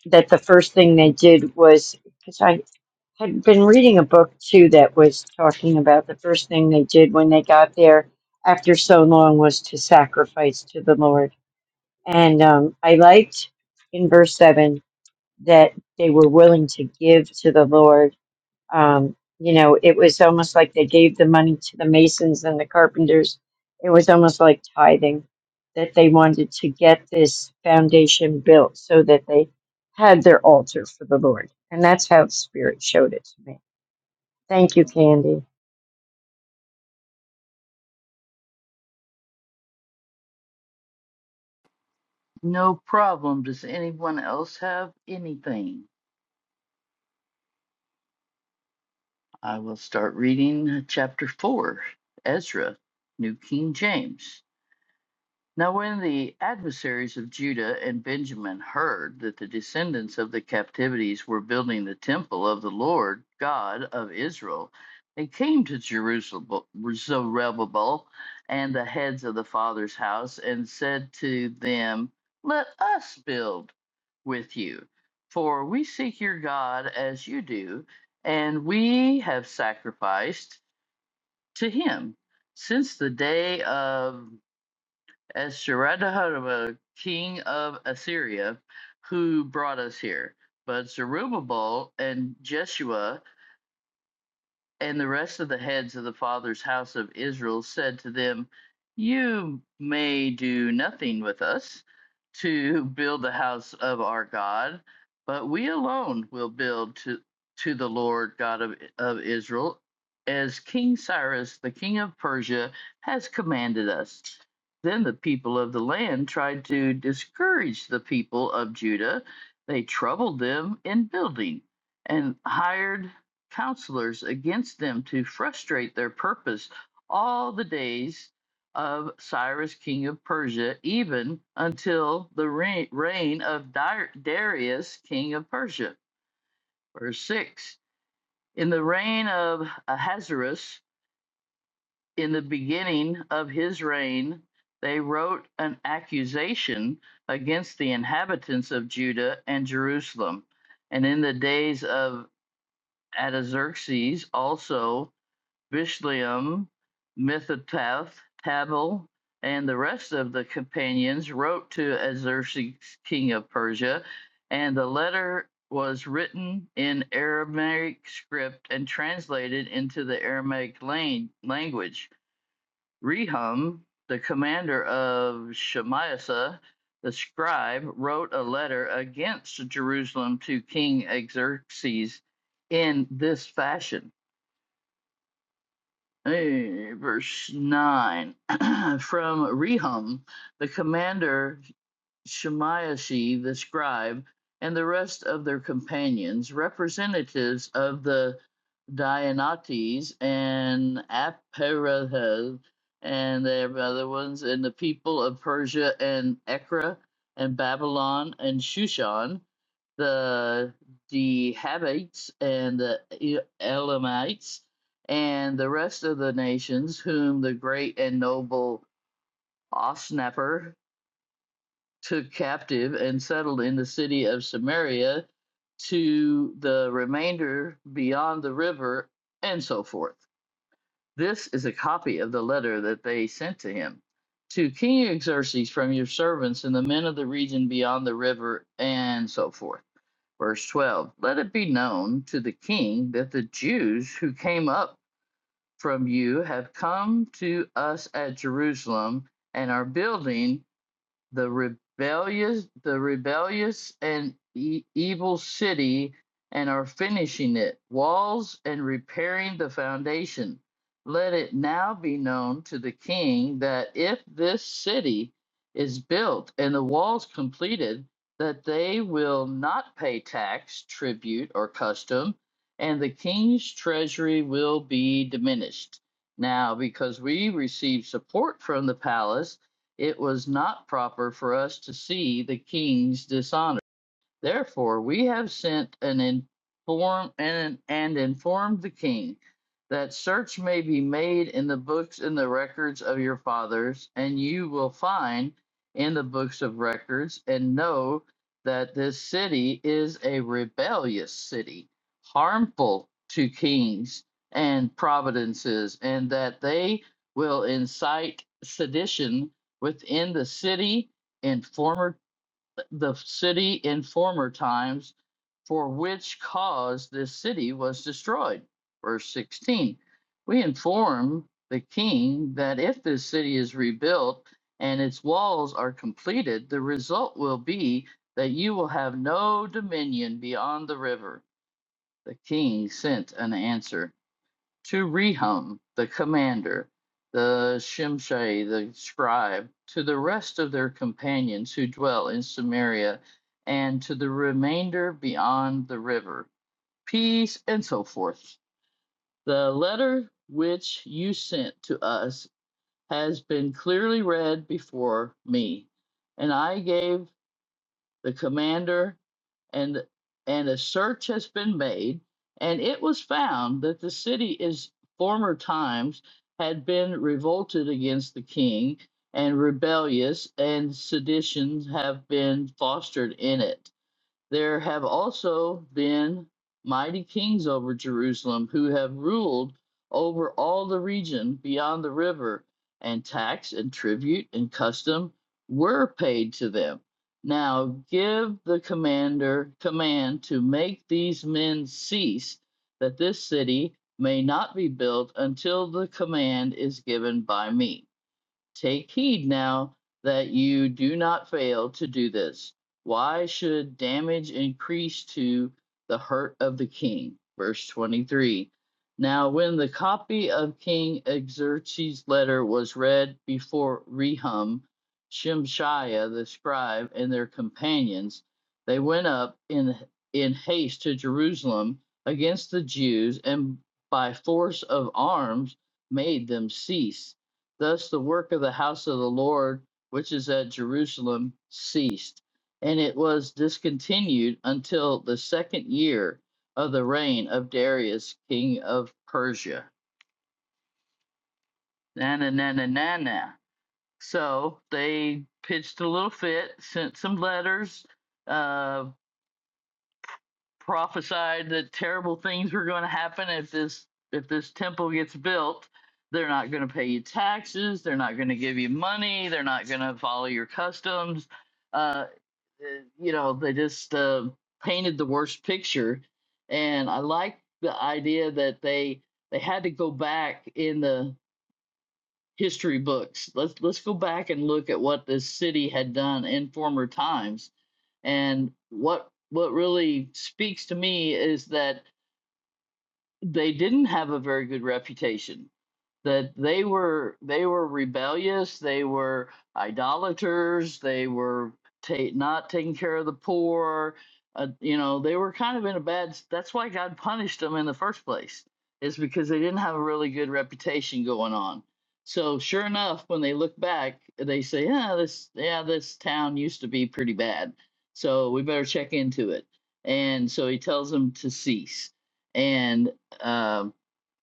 Speaker 4: that the first thing they did was because I had been reading a book too that was talking about the first thing they did when they got there after so long was to sacrifice to the Lord. And um, I liked in verse 7 that they were willing to give to the Lord. Um, you know, it was almost like they gave the money to the masons and the carpenters. It was almost like tithing that they wanted to get this foundation built so that they had their altar for the Lord. And that's how the Spirit showed it to me. Thank you, Candy.
Speaker 5: no problem does anyone else have anything i will start reading chapter 4 ezra new king james Now, when the adversaries of Judah and Benjamin heard that the descendants of the captivities were building the temple of the Lord God of Israel, they came to Jerusalem, Zerubbabel, and the heads of the father's house, and said to them, Let us build with you, for we seek your God as you do, and we have sacrificed to him since the day of as Sharadahadaba, king of Assyria, who brought us here. But Zerubbabel and Jeshua and the rest of the heads of the fathers' house of Israel said to them, You may do nothing with us to build the house of our God, but we alone will build to, to the Lord God of, of Israel, as King Cyrus, the king of Persia, has commanded us. Then the people of the land tried to discourage the people of Judah. They troubled them in building and hired counselors against them to frustrate their purpose all the days of Cyrus, king of Persia, even until the reign reign of Dar- Darius, king of Persia. Verse 6 In the reign of Ahasuerus, in the beginning of his reign, they wrote an accusation against the inhabitants of Judah and Jerusalem. And in the days of Artaxerxes also, Bislam, Mithipeth, Tabal, and the rest of the companions wrote to Xerxes, king of Persia, and the letter was written in Aramaic script and translated into the Aramaic language. Rehum, the commander of Shemaiah, the scribe, wrote a letter against Jerusalem to King Xerxes in this fashion. Hey, verse 9 from Rehum, the commander Shemaiah the scribe, and the rest of their companions, representatives of the Dianates and Aperath and the other ones, and the people of Persia and Ekra and Babylon and Shushan, the Dehabites and the E- Elamites and the rest of the nations whom the great and noble Osnaper took captive and settled in the city of Samaria to the remainder beyond the river, and so forth. This is a copy of the letter that they sent to him. To King Xerxes from your servants and the men of the region beyond the river, and so forth. Verse 12 Let it be known to the king that the Jews who came up from you have come to us at Jerusalem and are building the rebellious the rebellious and e- evil city and are finishing it walls and repairing the foundation let it now be known to the king that if this city is built and the walls completed that they will not pay tax tribute or custom and the king's treasury will be diminished now because we receive support from the palace it was not proper for us to see the king's dishonor. Therefore, we have sent an inform and, and informed the king that search may be made in the books and the records of your fathers, and you will find in the books of records and know that this city is a rebellious city, harmful to kings and providences, and that they will incite sedition within the city in former the city in former times, for which cause this city was destroyed. Verse 16. We inform the king that if this city is rebuilt and its walls are completed, the result will be that you will have no dominion beyond the river. The king sent an answer to Rehum, the commander, the Shimshai, the scribe, to the rest of their companions who dwell in Samaria, and to the remainder beyond the river. Peace and so forth. The letter which you sent to us has been clearly read before me, and I gave the commander and and a search has been made and it was found that the city is former times had been revolted against the king and rebellious and seditions have been fostered in it there have also been mighty kings over Jerusalem who have ruled over all the region beyond the river, and tax and tribute and custom were paid to them. Now give the commander command to make these men cease, that this city may not be built until the command is given by me. Take heed now that you do not fail to do this. Why should damage increase to the hurt of the king? Verse 23. Now, when the copy of King Xerxes' letter was read before Rehum, Shemshaiah the scribe, and their companions, they went up in, in haste to Jerusalem against the Jews and by force of arms made them cease Thus the work of the house of the Lord, which is at Jerusalem, ceased, and it was discontinued until the second year of the reign of Darius, king of Persia. Na na na na na na. So they pitched a little fit, sent some letters, uh. prophesied that terrible things were going to happen if this if this temple gets built they're not going to pay you taxes they're not going to give you money they're not going to follow your customs uh eh, you know they just uh painted the worst picture and i like the idea that they they had to go back in the history books. Let's let's go back and look at what this city had done in former times. And what what really speaks to me is that they didn't have a very good reputation that they were they were rebellious they were idolaters they were ta- not taking care of the poor uh, you know they were kind of in a bad that's why god punished them in the first place is because they didn't have a really good reputation going on so sure enough when they look back they say yeah this yeah this town used to be pretty bad so we better check into it and so he tells them to cease and um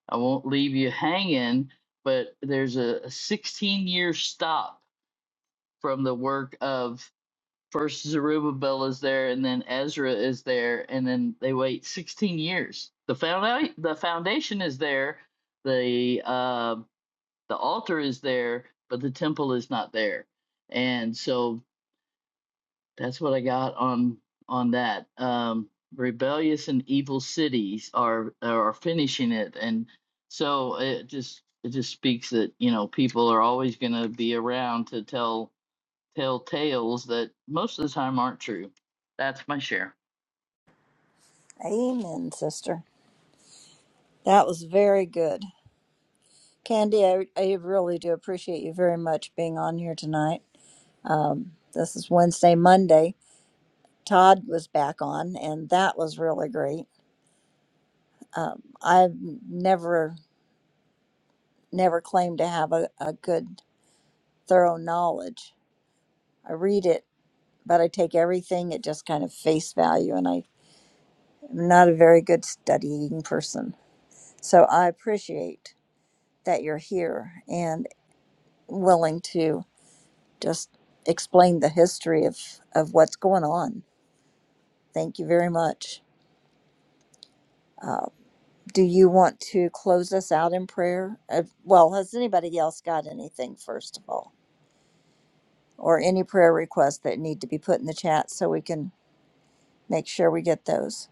Speaker 5: I won't leave you hanging, but there's a 16 year stop from the work of first Zerubbabel is there, and then Ezra is there, and then they wait 16 years. The found the foundation is there, the uh, the altar is there, but the temple is not there. And so that's what I got on on that. Um, rebellious and evil cities are are finishing it, and so it just it just speaks that you know people are always going to be around to tell tell tales that most of the time aren't true. That's my share.
Speaker 1: Amen, sister. That was very good. Candy, I, I really do appreciate you very much being on here tonight. Um, this is Wednesday, Monday. Todd was back on, and that was really great. Um, I've never, never claimed to have a, a good, thorough knowledge. I read it, but I take everything at just kind of face value, and I am not a very good studying person. So I appreciate that you're here and willing to just explain the history of, of what's going on. Thank you very much. Uh, do you want to close us out in prayer? Uh, well, has anybody else got anything, first of all? or any prayer requests that need to be put in the chat so we can make sure we get those.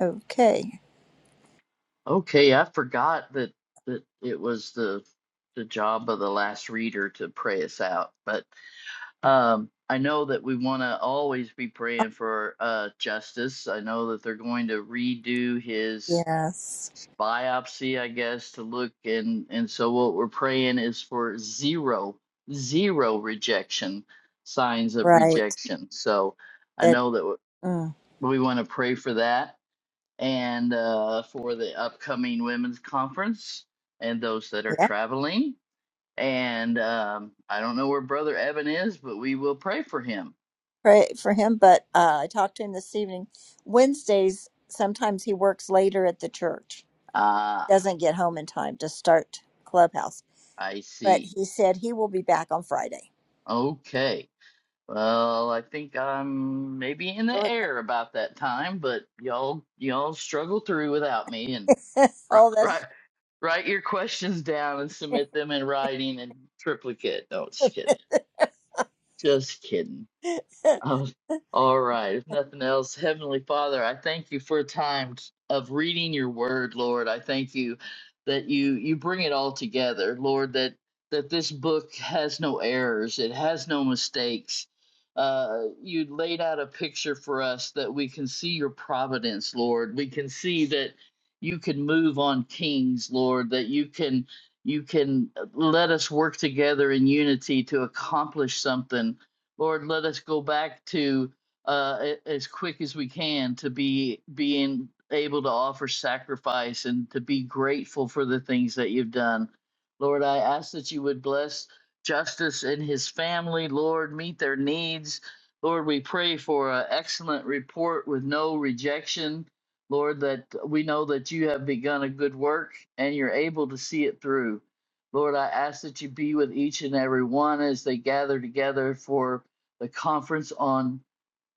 Speaker 1: Okay.
Speaker 5: Okay, I forgot that that it was the the job of the last reader to pray us out, but Um, I know that we want to always be
Speaker 1: Oh,
Speaker 5: praying for uh, justice. I know that they're going to redo his
Speaker 1: yes.
Speaker 5: biopsy, I guess, to look and and so what we're praying is for zero, zero rejection, signs of
Speaker 1: Right.
Speaker 5: rejection. So I
Speaker 1: That,
Speaker 5: know that w-
Speaker 1: mm,
Speaker 5: we want to pray for that and uh, for the upcoming women's conference and those that are
Speaker 1: yeah.
Speaker 5: traveling. And um, I don't know where Brother Evan is, but we will pray for him
Speaker 1: Pray for him. But uh, I talked to him this evening. Wednesdays, sometimes he works later at the church,
Speaker 5: Ah,
Speaker 1: doesn't get home in time to start Clubhouse.
Speaker 5: I
Speaker 1: But
Speaker 5: see.
Speaker 1: he said he will be back on Friday.
Speaker 5: Okay. Well, I think I'm maybe in the air about that time, but y'all y'all struggle through without me and right
Speaker 1: oh,
Speaker 5: right
Speaker 1: that's.
Speaker 5: write your questions down and submit them in writing and triplicate. No, just kidding. Just kidding. Oh,
Speaker 1: oh,
Speaker 5: all right. If nothing else, Heavenly Father, I thank you for a time t- of reading your word, Lord. I thank you that you you bring it all together, Lord, that that this book has no errors, it has no mistakes. Uh, you laid out a picture for us that we can see your providence, Lord. We can see that you can move on kings, Lord, that you can you can let us work together in unity to accomplish something Lord, let us go back to uh, as quick as we can to be being able to offer sacrifice and to be grateful for the things that you've done. Lord, I ask that you would bless Justice and his family. Lord, meet their needs. Lord, we pray for an excellent report with no rejection. Lord, that we know that you have begun a good work and you're able to see it through. Lord, I ask that you be with each and every one as they gather together for the conference on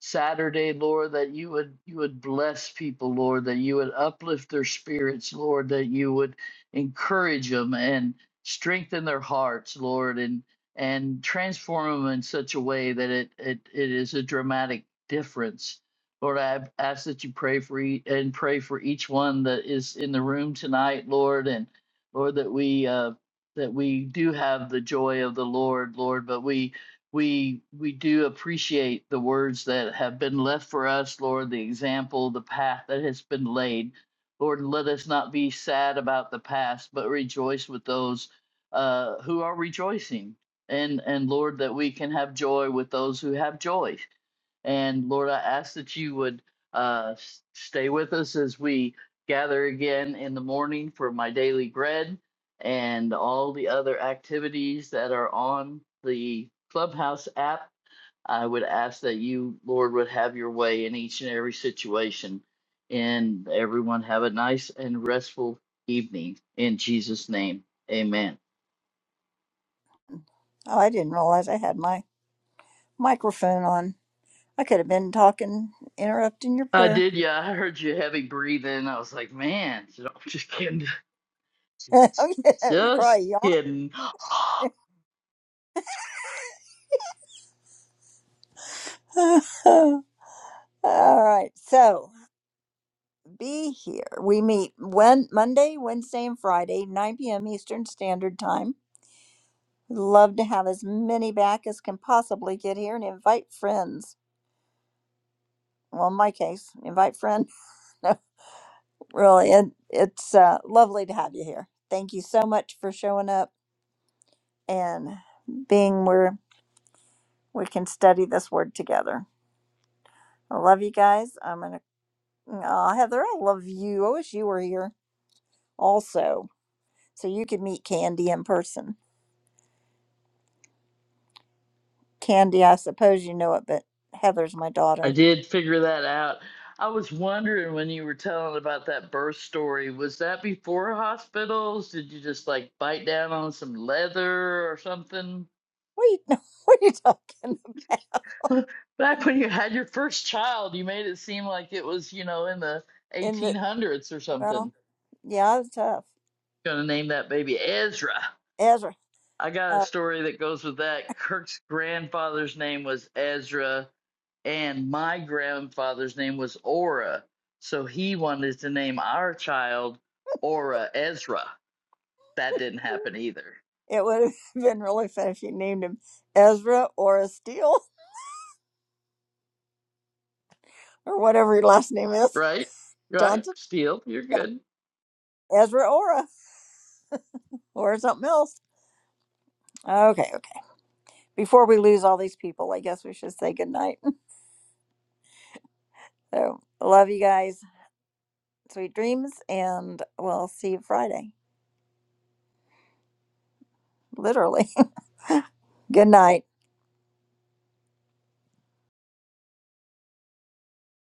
Speaker 5: Saturday, Lord, that you would you would bless people, Lord, that you would uplift their spirits, Lord, that you would encourage them and strengthen their hearts, Lord, and and transform them in such a way that it it, it is a dramatic difference. Lord, I ask that you pray for e- and pray for each one that is in the room tonight, Lord, and Lord that we uh, that we do have the joy of the Lord, Lord, but we we we do appreciate the words that have been left for us lord the example the path that has been laid lord let us not be sad about the past but rejoice with those uh, who are rejoicing and and lord that we can have joy with those who have joy and Lord, I ask that you would uh, s- stay with us as we gather again in the morning for my daily bread and all the other activities that are on the Clubhouse app. I would ask that you, Lord, would have your way in each and every situation. And everyone have a nice and restful evening. In Jesus' name, amen.
Speaker 1: I didn't realize I had my microphone on. I could have been talking, interrupting your
Speaker 5: I
Speaker 1: prayer.
Speaker 5: did, yeah. I heard you heavy breathing. I was like, man, I'm just kidding.
Speaker 1: yeah, that was
Speaker 5: Just
Speaker 1: probably
Speaker 5: kidding.
Speaker 1: yawn. All right. So be here. We meet when Monday, Wednesday, and Friday, 9 p.m. Eastern Standard Time. Love to have as many back as can possibly get here and invite friends. Well, in my case, invite friend. No, really, it, it's uh, lovely to have you here. Thank you so much for showing up and being where we can study this word together. I love you guys. I'm gonna. Aw, Heather, I love you. I wish you were here. also. So you could meet Candy in person. Candy, I suppose you know it, but Heather's my
Speaker 5: I
Speaker 1: daughter.
Speaker 5: did figure that out. I was wondering when you were telling about that birth story, was that before hospitals? Did you just like bite down on some leather or something?
Speaker 1: What are you, what are you talking about?
Speaker 5: Back when you had your first child, you made it seem like it was, you know, in the
Speaker 1: In the,
Speaker 5: 1800s or something.
Speaker 1: well, yeah, it was tough.
Speaker 5: Gonna name that baby Ezra.
Speaker 1: Ezra.
Speaker 5: I got a
Speaker 1: Uh,
Speaker 5: story that goes with that. Kirk's grandfather's name was Ezra, and my grandfather's name was Aura. So he wanted to name our child Aura Ezra. That didn't happen either.
Speaker 1: it would have been really fun if you named him Ezra Ora Steele or whatever your last name is.
Speaker 5: Right? Right?
Speaker 1: Johnson,
Speaker 5: Steele, you're good.
Speaker 1: Ezra Ora, or something else. Okay, okay. Before we lose all these people, I guess we should say goodnight. So, love you guys. Sweet dreams, and we'll see you Friday literally. Good night.